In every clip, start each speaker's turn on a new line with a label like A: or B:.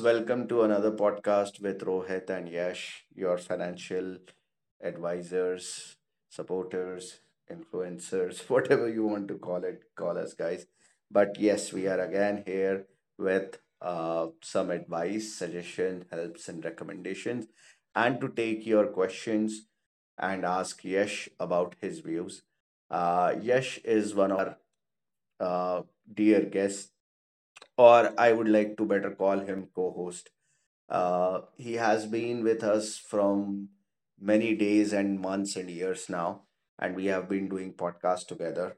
A: Welcome to another podcast with Rohit and Yash, your financial advisors, supporters, influencers, whatever you want to call it, call us guys. But yes, we are again here with some advice, suggestion, helps, and recommendations, and to take your questions and ask Yash about his views. Yash is one our uh, dear guests, or I would like to better call him co host. He has been with us from many days and months and years now, and we have been doing podcasts together.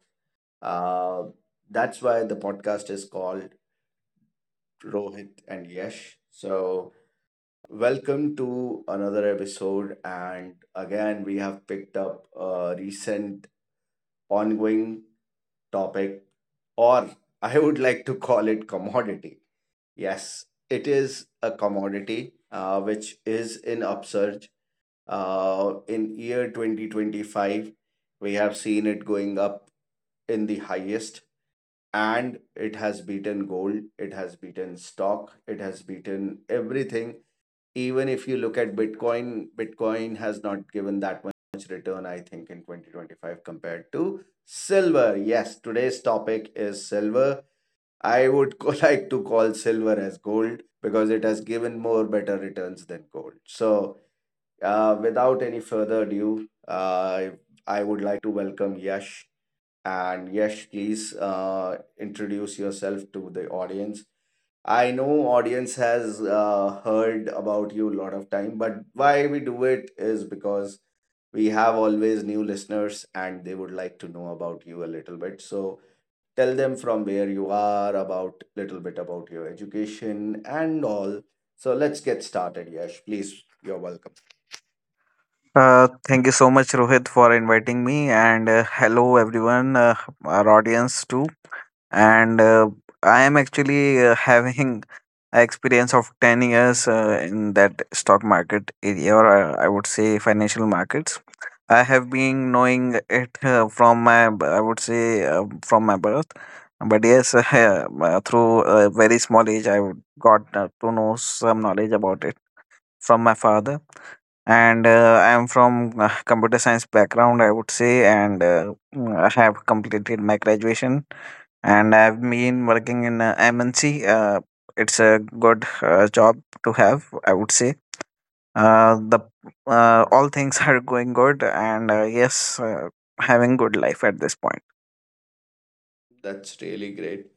A: Uh, that's why the podcast is called Rohit and Yash. So, welcome to another episode. And again, we have picked up a recent ongoing topic, or I would like to call it commodity. Yes, it is a commodity which is in upsurge. In year 2025, we have seen it going up in the highest, and it has beaten gold, it has beaten stock, it has beaten everything. Even if you look at Bitcoin, Bitcoin has not given that much return, I think, in 2025 compared to silver. Yes, today's topic is silver. I would like to call silver as gold because it has given more better returns than gold. So, without any further ado, I would like to welcome Yash. And Yash, please introduce yourself to the audience. I know audience has heard about you a lot of time, but why we do it is because we have always new listeners and they would like to know about you a little bit. So tell them from where you are, about little bit about your education and all. So let's get started, Yash. Please, you're welcome.
B: Thank you so much, Rohit, for inviting me, and hello everyone, our audience too. And I am actually having a experience of 10 years in that stock market area, or I would say financial markets. I have been knowing it from I would say, from my birth. But yes, through a very small age, I would got to know some knowledge about it from my father, and I'm from computer science background, I would say. And I have completed my graduation, and I've been working in MNC. It's a good job to have, I would say. The All things are going good, and yes, having good life at this point.
A: That's really great.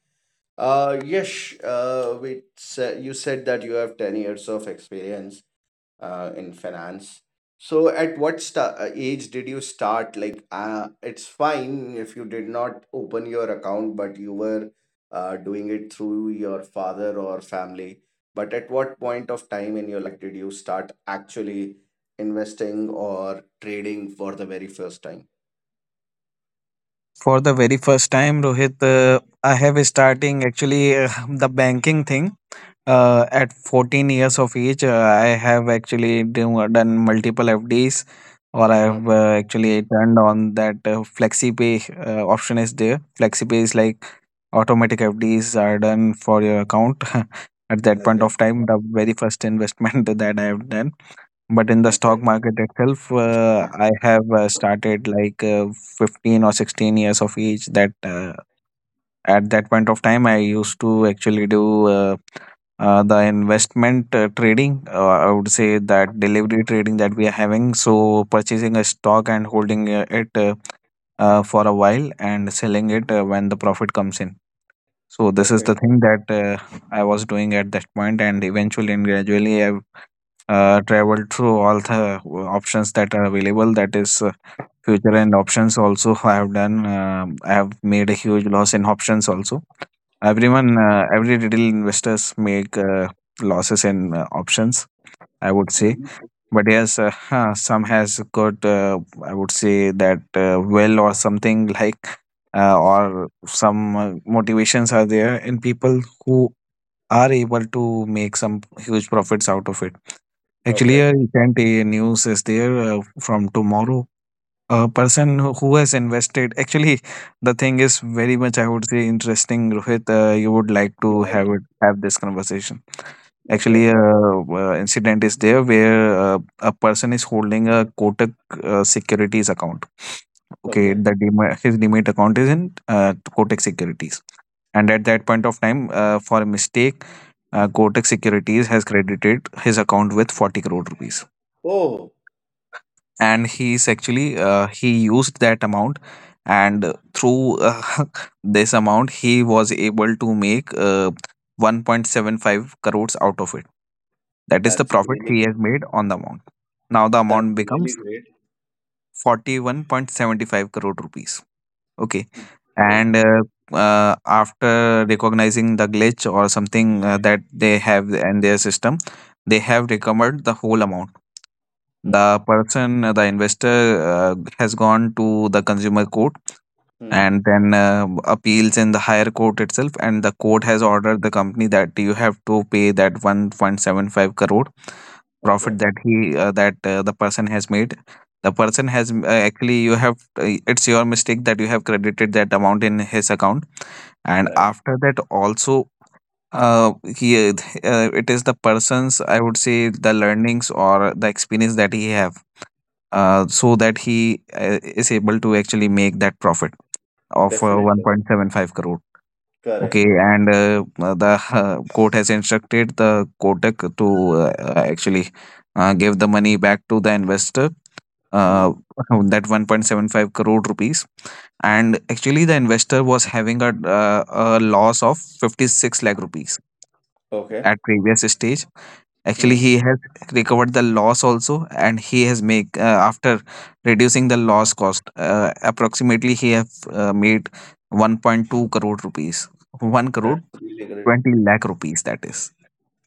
A: Yash, you said that you have 10 years of experience in finance. So, at what age did you start? Like, it's fine if you did not open your account, but you were doing it through your father or family. But at what point of time in your life did you start actually investing or trading for the very first time?
B: For the very first time, Rohit, I have starting actually the banking thing. At 14 years of age, I have actually done multiple FDs, or I have
A: Okay,
B: actually turned on that flexi pay option is there. Flexi pay is like automatic FDs are done for your account. At that point
A: okay,
B: of time, the very first investment that I have done. But in the
A: okay,
B: stock market itself, I have started like 15 or 16 years of age that at that point of time, I used to actually do the investment, trading, I would say, that delivery trading that we are having. So purchasing a stock and holding it for a while, and selling it when the profit comes in. So this is
A: okay,
B: the thing that I was doing at that point, and eventually and gradually, I travel through all the options that are available. That is, future and options. Also, I have done. I have made a huge loss in options. Also, everyone, every retail investors make losses in options, I would say.
A: hmm,
B: But yes, some has got, I would say, that well, or something like. Or some motivations are there in people who are able to make some huge profits out of it. Actually,
A: okay,
B: a recent news is there from tomorrow. A person who has invested, actually, the thing is very much, I would say, interesting. Rohit, you would like to
A: right,
B: have this conversation.
A: okay,
B: Actually, a incident is there where a person is holding a Kotak Securities account. Okay,
A: okay.
B: his demat account is in Kotak Securities, and at that point of time, for a mistake, Kotak Securities has credited his account with 40 crore rupees.
A: Oh,
B: And he used that amount, and through this amount, he was able to make 1.75 crores out of it. That is the
A: that's
B: profit
A: really
B: he has
A: good.
B: made on the amount. Now the
A: That's
B: amount
A: really
B: becomes
A: great.
B: 41.75 crore rupees. Okay.
A: Mm, great.
B: And after recognizing the glitch or something that they have in their system, they have recovered the whole amount.
A: Mm,
B: The investor has gone to the consumer court,
A: mm.
B: and then appeals in the higher court itself. And the court has ordered the company that you have to pay that 1.75 crore
A: Okay.
B: profit that he that the person has made. The person has, actually, you have, it's your mistake that you have credited that amount in his account. And
A: Right.
B: after that also, he it is the person's, I would say, the learnings or the experience that he have, so that he is able to actually make that profit of
A: Definitely.
B: 1.75 crore. Okay,
A: Correct.
B: and the court has instructed the Kotak to actually give the money back to the investor,
A: Hmm.
B: uh, that 1.75 crore rupees. And actually, the investor was having a loss of 56 lakh rupees
A: Okay.
B: at previous stage. Actually,
A: Hmm.
B: he has recovered the loss also, and he has make, after reducing the loss cost. Approximately, he have made 1.2 crore rupees, 1
A: That's
B: crore
A: really great.
B: 20 lakh rupees. That is.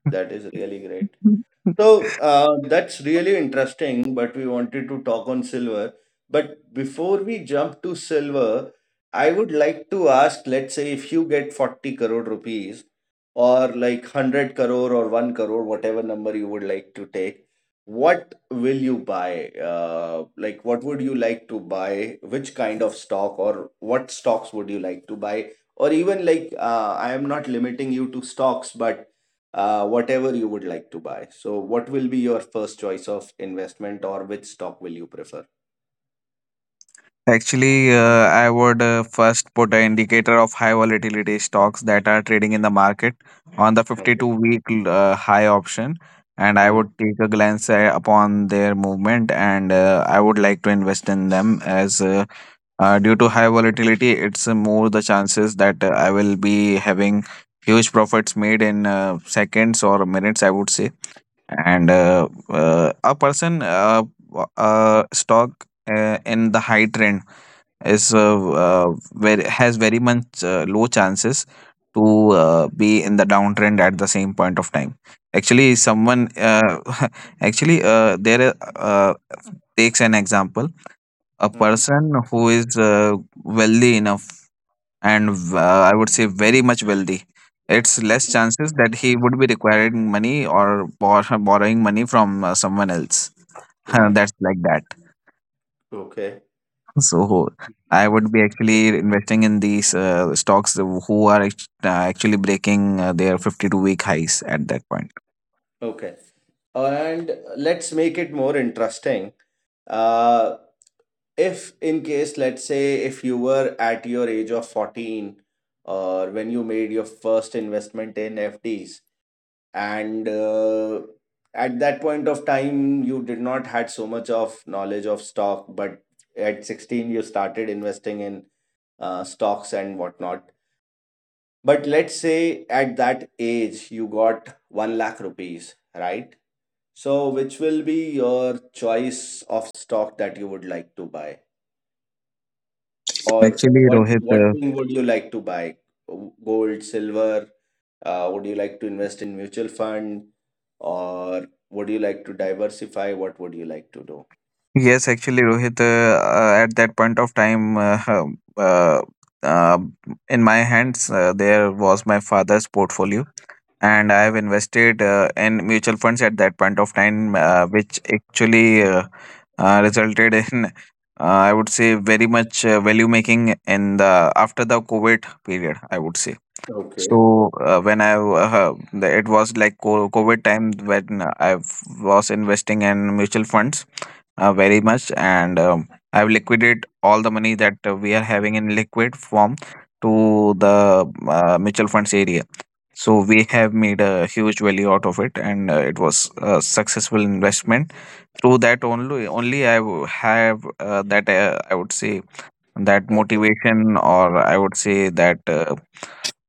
A: That is really great. So that's really interesting, but we wanted to talk on silver. But before we jump to silver, I would like to ask, let's say if you get 40 crore rupees, or like 100 crore, or 1 crore, whatever number you would like to take, what will you buy? Like, what would you like to buy? Which kind of stock or what stocks would you like to buy? Or even like, I am not limiting you to stocks, but whatever you would like to buy. So, what will be your first choice of investment, or which stock will you prefer?
B: Actually, I would first put an indicator of high volatility stocks that are trading in the market on the 52
A: Okay.
B: week high option. And I would take a glance upon their movement, and I would like to invest in them, as due to high volatility, it's more the chances that I will be having huge profits made in seconds or minutes, I would say. And a person, stock in the high trend is very has very much low chances to be in the downtrend at the same point of time. Actually, someone actually there takes an example. A
A: Mm-hmm.
B: person who is wealthy enough, and I would say very much wealthy, it's less chances that he would be requiring money or borrowing money from someone else,
A: Right.
B: that's like that.
A: Okay.
B: So I would be
A: Okay.
B: actually investing in these stocks who are actually breaking their 52-week highs at that point.
A: Okay. And let's make it more interesting. Uh, if in case, let's say, if you were at your age of 14, or when you made your first investment in FDs, and at that point of time you did not had so much of knowledge of stock, but at 16 you started investing in stocks and whatnot. But let's say at that age you got 1 lakh rupees, right? So which will be your choice of stock that you would like to buy, or
B: Actually,
A: what
B: Rohit,
A: what thing would you like to buy? Gold, silver? Would you like to invest in mutual fund, or would you like to diversify? What would you like to do?
B: yes, actually, Rohit, at that point of time, uh, in my hands, there was my father's portfolio, and I have invested in mutual funds at that point of time, which actually resulted in, I would say, very much value making in the after the COVID period, I would say
A: Okay.
B: so. When it was like COVID time when I was investing in mutual funds very much, and I've liquidated all the money that we are having in liquid form to the mutual funds area. So we have made a huge value out of it, and it was a successful investment through that only I w- have that I would say that
A: Okay.
B: motivation, or I would say that uh,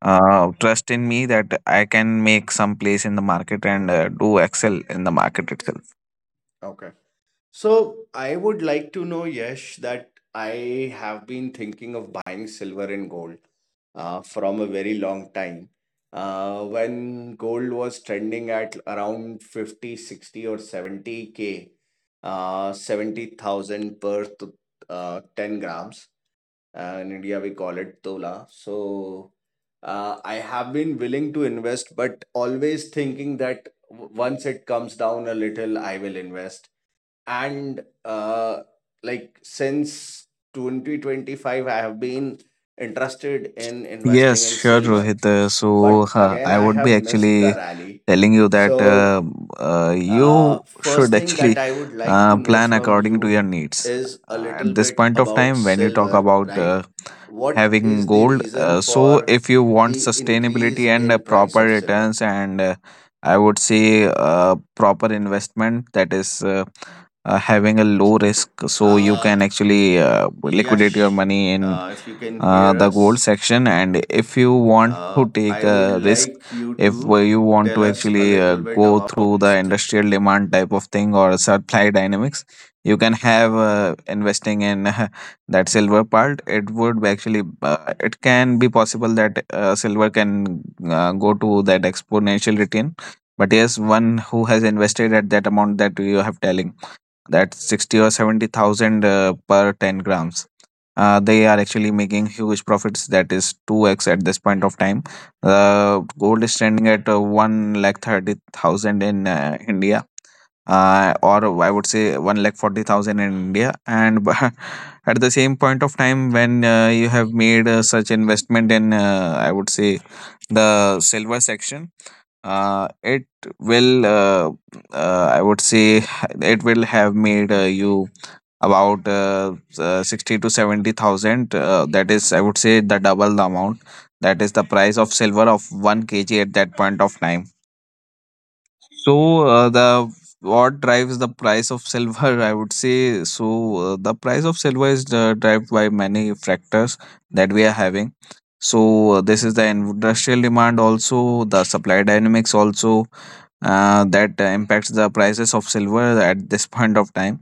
B: uh, trust in me that I can make some place in the market and do excel in the market itself.
A: Okay. So I would like to know, Yash, that I have been thinking of buying silver and gold from a very long time. When gold was trending at around 50, 60, or 70K, 70,000 per 10 grams. In India, we call it tola. So I have been willing to invest, but always thinking that once it comes down a little, I will invest. And like, since 2025 I have been interested in investing
B: Yes,
A: in
B: sure,
A: silver,
B: Rohit. So,
A: but again
B: I
A: I
B: would
A: have
B: be
A: missed the
B: actually
A: rally.
B: telling you that,
A: So
B: you
A: first
B: should
A: thing that
B: actually
A: I would like to know
B: plan
A: from
B: according to
A: you
B: your needs.
A: is a little
B: At this
A: bit
B: point of
A: about
B: time, when you talk
A: silver.
B: about
A: Right, what
B: having
A: is the
B: gold,
A: reason
B: so
A: for
B: if you want
A: the
B: sustainability,
A: increase
B: and
A: in price
B: proper
A: of silver?
B: returns, and I would say proper investment that is having a low risk, so you
A: uh
B: can actually liquidate your
A: Yash,
B: money in
A: if you can hear
B: the gold
A: us.
B: section. And if you want to take
A: I would
B: a risk,
A: like you
B: if
A: to
B: you want
A: tell
B: to
A: us a
B: actually
A: little bit
B: go
A: about.
B: through the industrial demand type of thing or supply dynamics, you can have, investing in that silver part. It can be possible that silver can go to that exponential return. But yes, one who has invested at that amount that you have telling, that's 60 or 70,000 per 10 grams. They are actually making huge profits. That is 2x at this point of time. Gold is standing at 1 lakh 30,000 in India. Or I would say 1 lakh 40,000 in India. And at the same point of time, when you have made such investment in, I would say, the silver section, it will I would say it will have made you about 60 to 70,000, that is, I would say, the double the amount, that is the price of silver of 1 kg at that point of time. So, the what drives the price of silver? I would say so. The price of silver is driven by many factors that we are having. So, this is the industrial demand, also the supply dynamics, also that impacts the prices of silver at this point of time.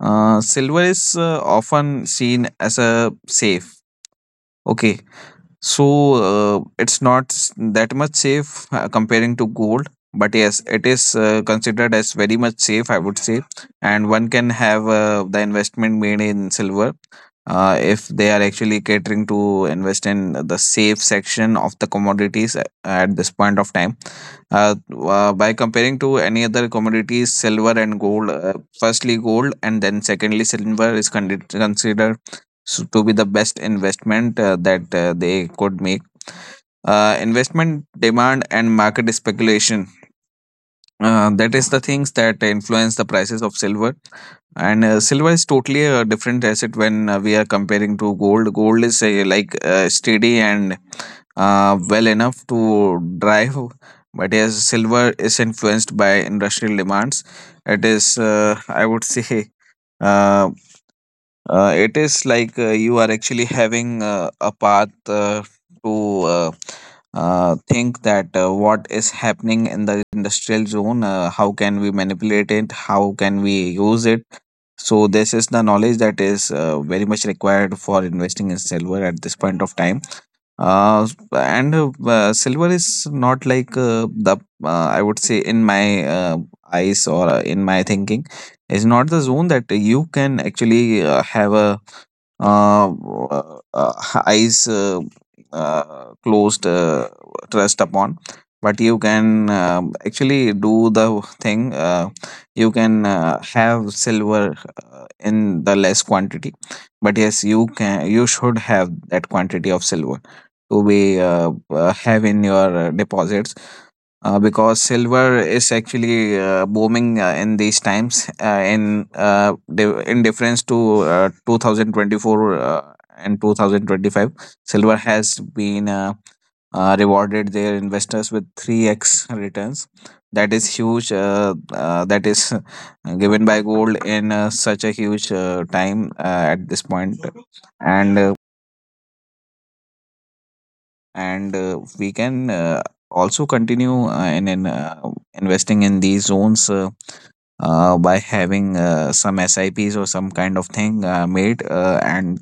B: Silver is often seen as a safe. Okay, so it's not that much safe comparing to gold, but yes, it is considered as very much safe, I would say. And one can have the investment made in silver, if they are actually catering to invest in the safe section of the commodities at this point of time. Uh, by comparing to any other commodities, silver and gold, firstly gold, and then secondly silver is considered so to be the best investment that they could make. Investment demand and market speculation. That is the things that influence the prices of silver. And silver is totally a different asset when we are comparing to gold. Gold is like steady and well enough to drive, but as silver is influenced by industrial demands, it is I would say uh, it is like you are actually having a path to think that what is happening in the industrial zone, how can we manipulate it, how can we use it. So, this is the knowledge that is very much required for investing in silver at this point of time. Uh, and Silver is not like I would say, in my eyes or in my thinking, is not the zone that you can actually have a uh, uh, uh, eyes closed trust upon, but you can actually do the thing. You can have silver in the less quantity, but yes, you should have that quantity of silver to be have in your deposits, because silver is actually booming in these times, in difference to 2024 and 2025. Silver has been rewarded their investors with 3x returns. That is huge, that is given by gold in such a huge time at this point. And we can also continue in investing in these zones, by having some SIPs or some kind of thing made. And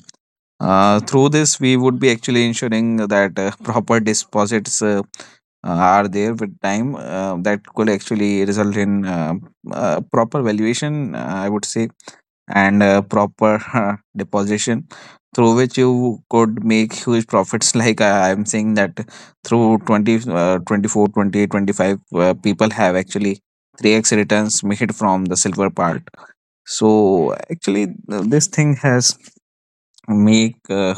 B: Through this, we would be actually ensuring that proper deposits are there with time, that could actually result in proper valuation, I would say, and proper deposition, through which you could make huge profits like I'm saying that through 20 24 28 25, people have actually 3x returns made from the silver part. So actually, this thing has make uh,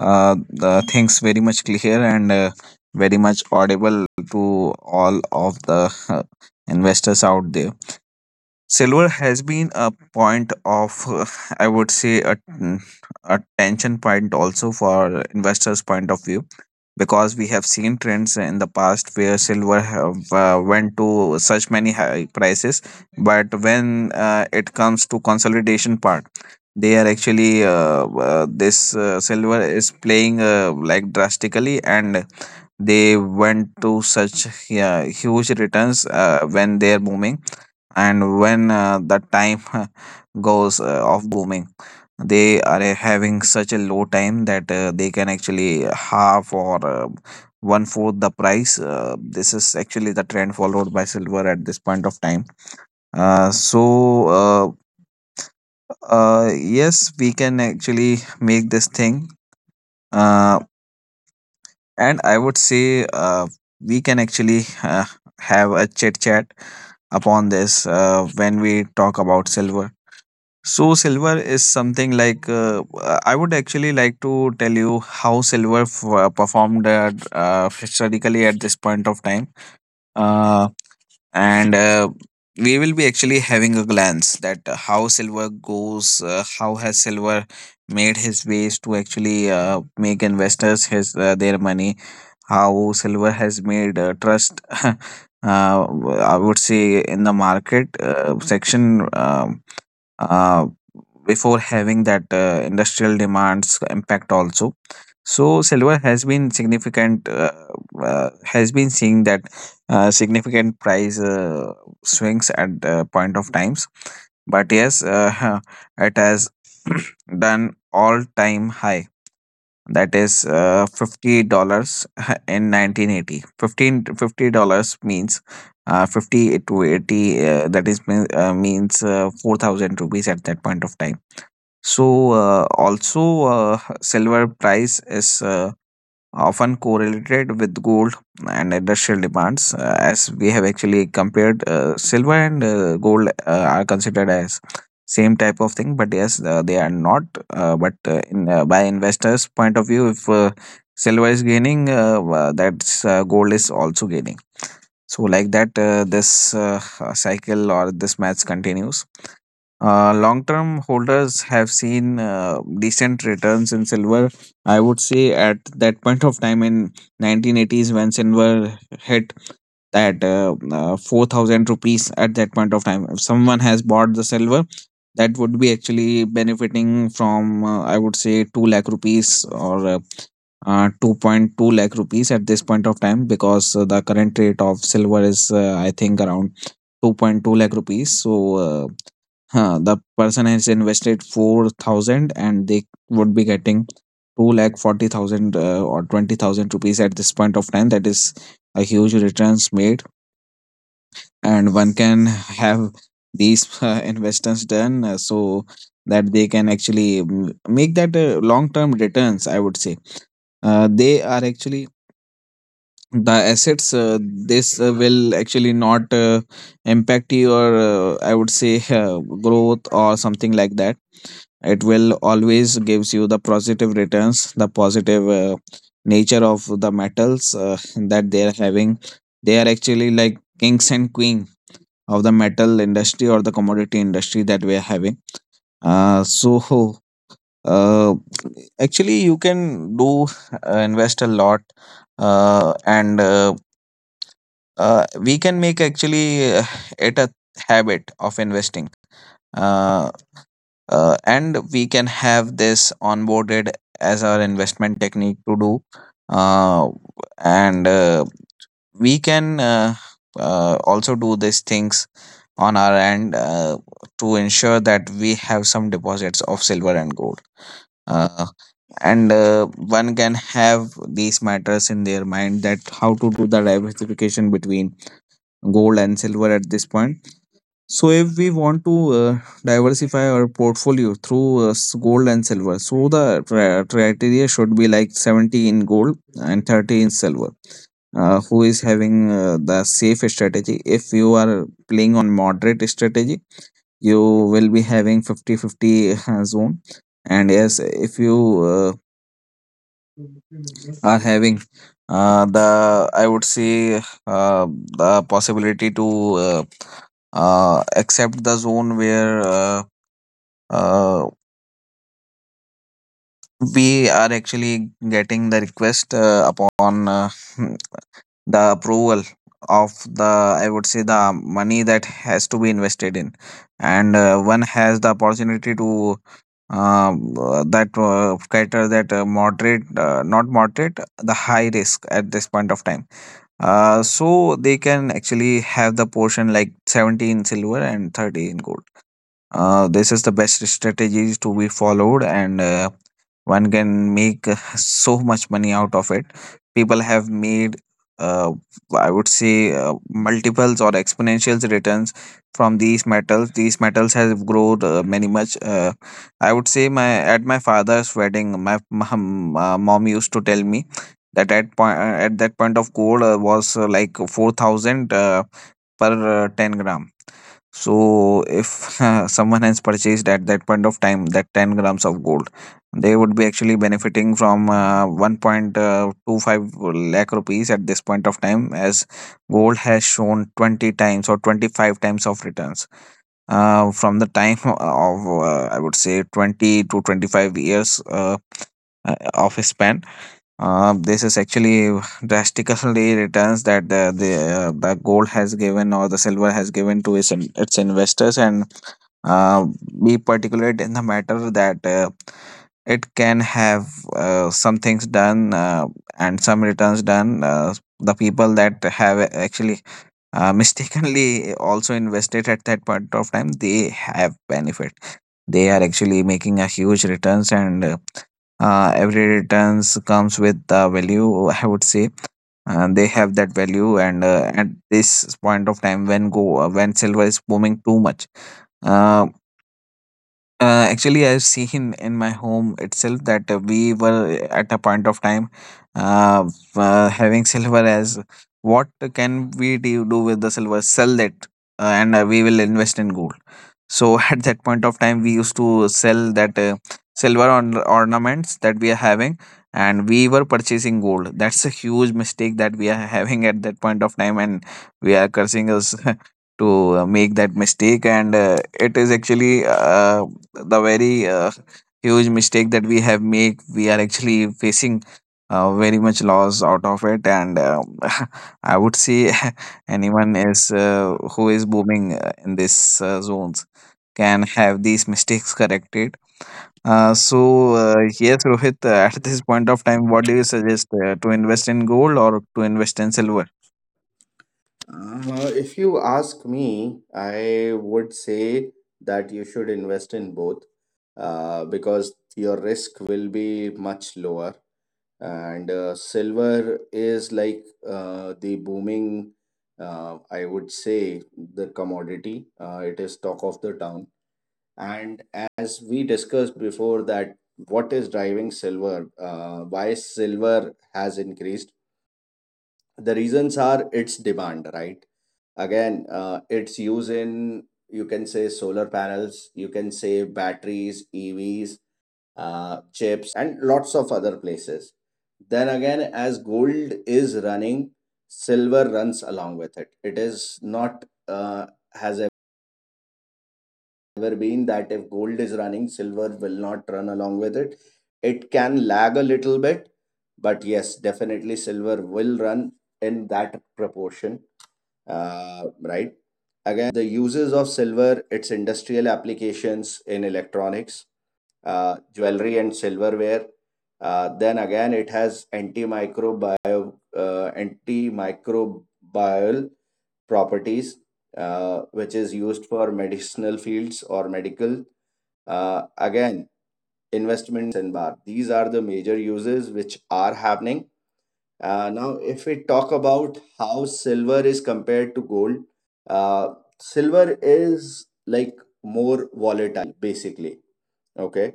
B: uh, the things very much clear and very much audible to all of the investors out there. Silver has been a point of, I would say, a tension point also for investors' point of view, because we have seen trends in the past where silver have, went to such many high prices. But when it comes to consolidation part, they are actually this silver is playing like drastically, and they went to such, yeah, huge returns when they are booming. And when the time goes off booming, they are having such a low time that they can actually half or one fourth the price. This is actually the trend followed by silver at this point of time. uh, so uh, yes, we can actually make this thing, uh, and I would say we can actually have a chit chat upon this when we talk about silver. So silver is something like, I would actually like to tell you how silver performed historically at this point of time, uh, and we will be actually having a glance that how silver goes, how has silver made his ways to actually make investors his their money, how silver has made trust. Uh, I would say, in the market section. Uh, Before having that industrial demands impact also, so silver has been significant, has been seeing that significant price swings at point of times. But yes, huh, it has done all time high, that is $50 in 1980. $1550 means 50 to 80, that is means 4,000 rupees at that point of time. So, also, silver price is often correlated with gold and industrial demands, as we have actually compared silver and gold are considered as same type of thing, but yes, they are not. But in by investors' point of view, if silver is gaining, that's gold is also gaining. So, like that, this cycle or this match continues. Long-term holders have seen decent returns in silver, I would say, at that point of time in 1980s when silver hit that 4,000 rupees at that point of time. If someone has bought the silver, that would be actually benefiting from, I would say, 2 lakh rupees or 2.2 lakh rupees at this point of time, because the current rate of silver is, I think, around 2.2 lakh rupees. So, uh, huh, the person has invested 4,000 and they would be getting 2 lakh 40,000 or 20,000 rupees at this point of time. That is a huge returns made, and one can have these investments done, so that they can actually, make that long term returns, I would say. They are actually the assets, this will actually not impact your, I would say, growth or something like that. It will always gives you the positive returns, the positive nature of the metals that they are having. They are actually like kings and queen of the metal industry or the commodity industry that we are having. uh, so uh, Actually, you can do, invest a lot, and we can make actually it a habit of investing, uh, and we can have this onboarded as our investment technique to do. uh, and we can also do these things on our end, to ensure that we have some deposits of silver and gold. uh, and one can have these matters in their mind, that how to do the diversification between gold and silver at this point. So if we want to diversify our portfolio through gold and silver, so the criteria should be like 70 in gold and 30 in silver, who is having the safe strategy. If you are playing on moderate strategy, you will be having 50 50 zone. And yes, if you uh, are having the I would say uh, the possibility to except the zone where uh, we are actually getting the request upon the approval of the, I would say, the money that has to be invested in. And one has the opportunity to uh, that cater that moderate, not moderate, the high risk at this point of time, so they can actually have the portion like 70 in silver and 30 in gold. This is the best strategies to be followed, and one can make so much money out of it. People have made, uh, I would say, multiples or exponentials returns from these metals. These metals have grown many much. I would say, my at my father's wedding, my mom used to tell me that at that point of gold was like 4,000 per 10 gram. So if someone has purchased at that point of time that 10 grams of gold, they would be actually benefiting from 1.25 lakh rupees at this point of time, as gold has shown 20 times or 25 times of returns from the time of, I would say, 20 to 25 years of a span. This is actually drastically returns that the gold has given or the silver has given to its investors, and uh, be particulate in the matter that it can have some things done and some returns done. The people that have actually mistakenly also invested at that point of time, they have benefit. They are actually making a huge returns, and every returns comes with the value. I would say, and they have that value. And at this point of time, when silver is booming too much, uh, actually, I've seen in my home itself that we were at a point of time uh, having silver as, what can we do with the silver? Sell it, and we will invest in gold. So at that point of time, we used to sell that silver on ornaments that we are having, and we were purchasing gold. That's a huge mistake that we are having at that point of time, and we are cursing us to make that mistake. And it is actually the very huge mistake that we have made. We are actually facing very much loss out of it, and I would say, anyone is, who is booming in this zones, can have these mistakes corrected. Yes, Rohit, at this point of time, what do you suggest, to invest in gold or to invest in silver?
A: If you ask me, I would say that you should invest in both because your risk will be much lower. And silver is like the booming, I would say, the commodity. It is talk of the town. And as we discussed before, that what is driving silver, why silver has increased, the reasons are its demand, right? Again, its use in, you can say, solar panels, you can say batteries, EVs, chips, and lots of other places. Then again, as gold is running, silver runs along with it. It is not has ever been that if gold is running, silver will not run along with it. It can lag a little bit, but yes, definitely silver will run in that proportion. Right, again, the uses of silver, its industrial applications in electronics, jewelry, and silverware. Then again, it has antimicrobial properties, which is used for medicinal fields or medical. Again, investment and bar. These are the major uses which are happening. Now, if we talk about how silver is compared to gold, uh, silver is like more volatile, basically. Okay.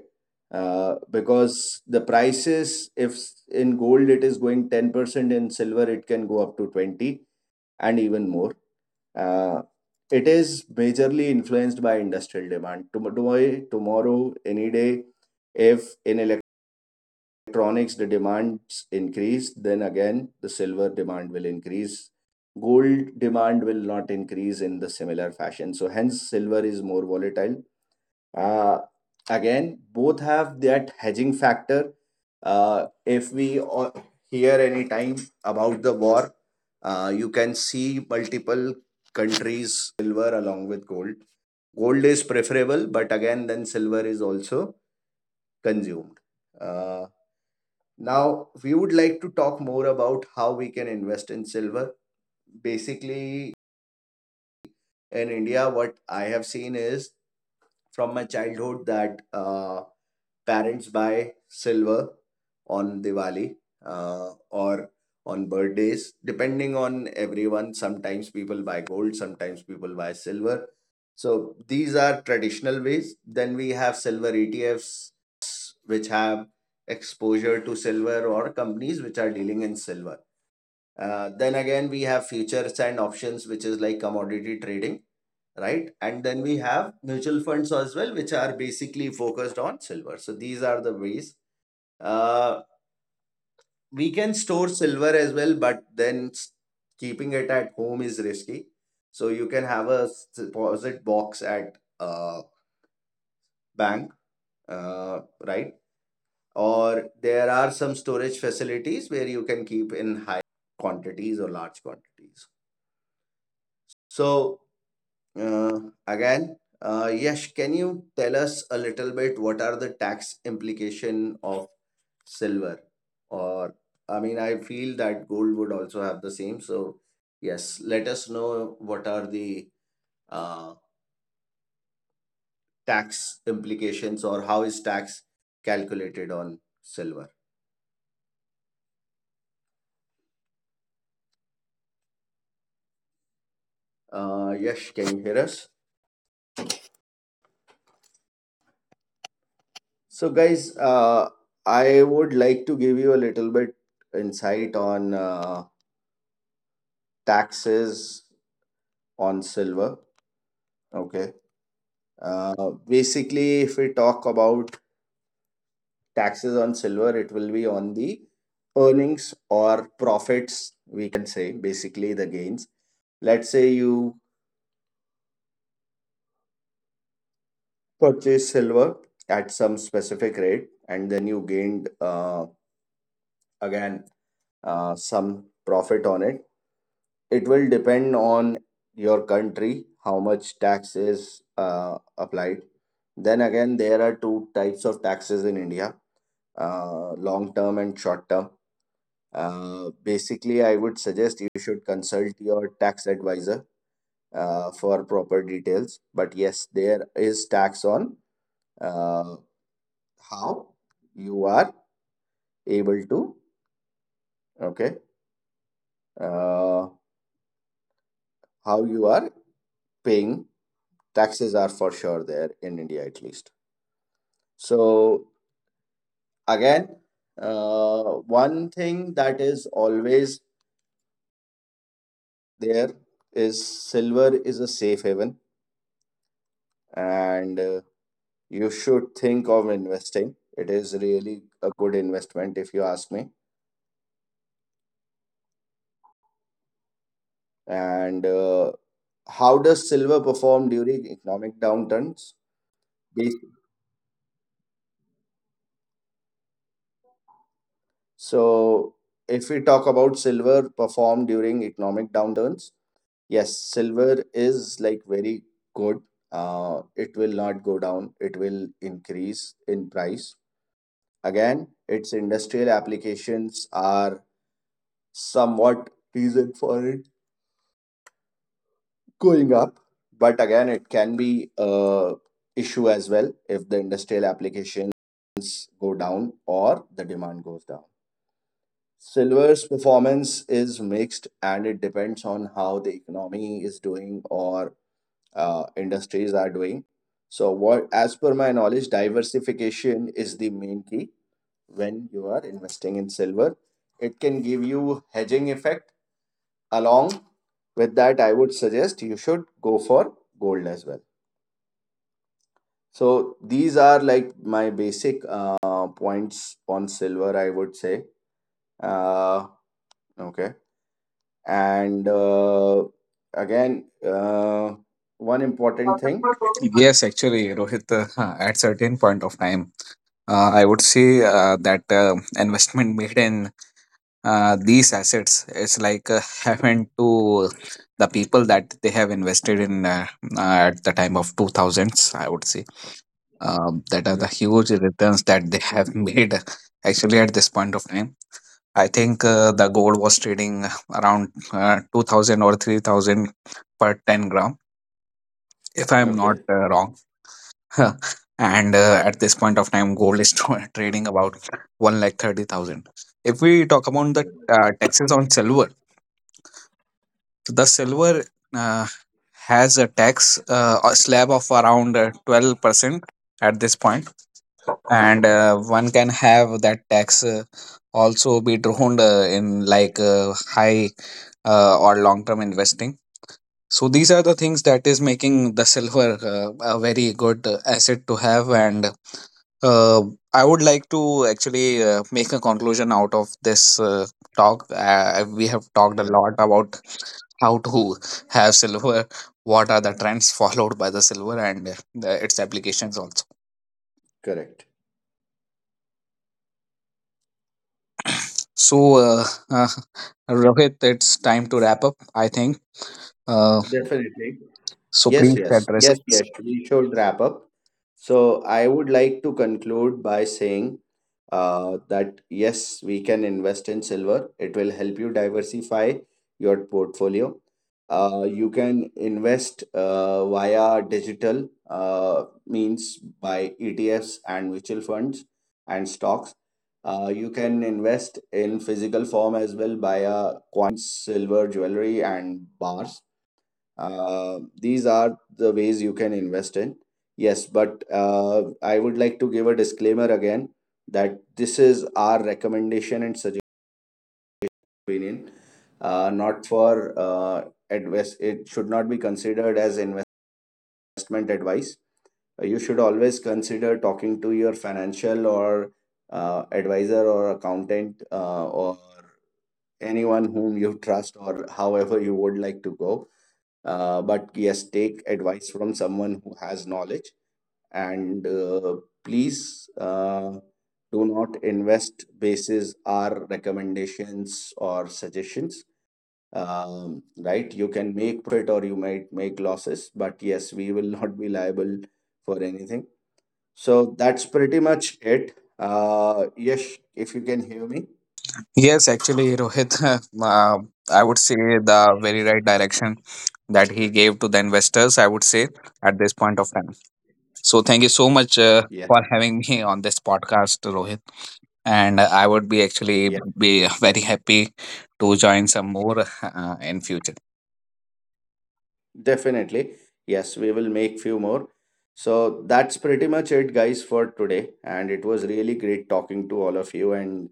A: Because the prices, if s- in gold it is going 10%, in silver it can go up to 20 and even more. Uh, it is majorly influenced by industrial demand. Tomorrow, any day, if in electronics the demands increase, then again the silver demand will increase. Gold demand will not increase in the similar fashion. So hence silver is more volatile. uh, Again, both have that hedging factor. If we all hear any time about the war, you can see multiple countries silver along with gold. Gold is preferable, but again, then silver is also consumed. Uh, Now, we would like to talk more about how we can invest in silver. Basically, in India, what I have seen is from my childhood that. Parents buy silver on Diwali, or on birthdays, depending on everyone. Sometimes people buy gold, sometimes people buy silver. So these are traditional ways. Then we have silver ETFs, which have exposure to silver, or companies which are dealing in silver. Then again, we have futures and options, which is like commodity trading, right? And then we have mutual funds as well, which are basically focused on silver. So these are the ways. Uh, we can store silver as well, but then keeping it at home is risky. So you can have a deposit box at a bank, right? Or there are some storage facilities where you can keep in quantities or large quantities. So Uh, again, Yash, can you tell us a little bit what are the tax implication of silver? Or, I mean, I feel that gold would also have the same. So, yes, let us know what are the uh, tax implications, or how is tax calculated on silver. Yash, can you hear us? So, guys, I would like to give you a little bit insight on taxes on silver. Okay. Basically, if we talk about taxes on silver, it will be on the earnings or profits, we can say, basically the gains. Let's say you purchase silver at some specific rate, and then you gained again some profit on it. It will depend on your country, how much tax is applied. Then again, there are two types of taxes in India, long term and short term. Basically, I would suggest you should consult your tax advisor for proper details. But yes, there is tax on uh, how you are able to, okay, uh, how you are paying. Taxes are for sure there in India at least. So again, one thing that is always there is silver is a safe haven, and you should think of investing. It is really a good investment if you ask me. And how does silver perform during economic downturns? Bas- So if we talk about silver perform during economic downturns, yes, silver is like very good. It will not go down. It will increase in price. Again, its industrial applications are somewhat reason for it going up. But again, it can be a issue as well if the industrial applications go down or the demand goes down. Silver's performance is mixed, and it depends on how the economy is doing, or industries are doing. So, what, as per my knowledge, diversification is the main key when you are investing in silver. It can give you hedging effect. Along with that, I would suggest you should go for gold as well. So, these are like my basic points on silver, I would say. Uh, okay. And again, one important thing.
B: Yes, actually, Rohit, at certain point of time, I would say that investment made in these assets is like heaven to the people, that they have invested in, uh, at the time of 2000s, I would say. That are the
A: Right.
B: huge returns that they have made actually at this point of time. I think the gold was trading around 2000 or 3,000 per 10-gram, if I'm not
A: Okay.
B: wrong. And at this point of time, gold is trading about 1 lakh 30,000. If we talk about the taxes on silver, so the silver uh, has a tax, a slab of around 12% at this point. And one can have that tax also be drawn in like high or long term investing. So these are the things that is making the silver a very good asset to have. And uh, I would like to actually make a conclusion out of this talk. We have talked a
A: Right.
B: lot about how to have silver, what are the trends followed by the silver, and its applications also.
A: Correct.
B: So, Rohit, it's time to wrap up, I think. Uh,
A: Definitely. Yes,
B: Please
A: yes.
B: address.
A: Yes, yes. We should wrap up. So I would like to conclude by saying that yes, we can invest in silver. It will help you diversify your portfolio. You can invest via digital means by ETF's and mutual funds and stocks. You can invest in physical form as well via coins, silver, jewelry, and bars. These are the ways you can invest in. Yes, but I would like to give a disclaimer again that this is our recommendation and suggestion opinion, not for advice. It should not be considered as investment advice. You should always consider talking to your financial or advisor or accountant, or anyone whom you trust, or however you would like to go. But yes, take advice from someone who has knowledge, and please do not invest basis our recommendations or suggestions. Right? You can make profit or you might make losses, but yes, we will not be liable for anything. So that's pretty much it. Yes, if you can hear me.
B: Yes, actually, Rohit, uh, I would say the very right direction that he gave to the investors, I would say, at this point of time. So, thank you so much
A: Yes.
B: for having me on this podcast, Rohit. And I would be actually be very happy to join some more in future.
A: Definitely. Yes, we will make few more. So that's pretty much it, guys, for today. And it was really great talking to all of you and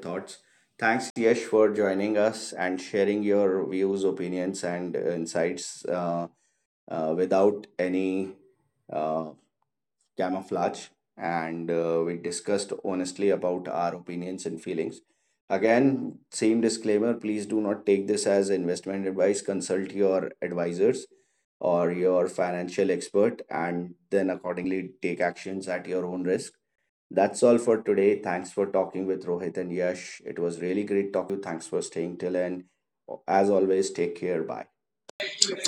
A: thoughts. Thanks, Yesh, for joining us and sharing your views, opinions, and insights, without any uh, camouflage, and we discussed honestly about our opinions and feelings. Again, same disclaimer, please do not take this as investment advice. Consult your advisors or your financial expert, and then accordingly take actions at your own risk. That's all for today. Thanks for talking with Rohit and Yash. It was really great talking you. Thanks for staying till end. As always, take care. Bye.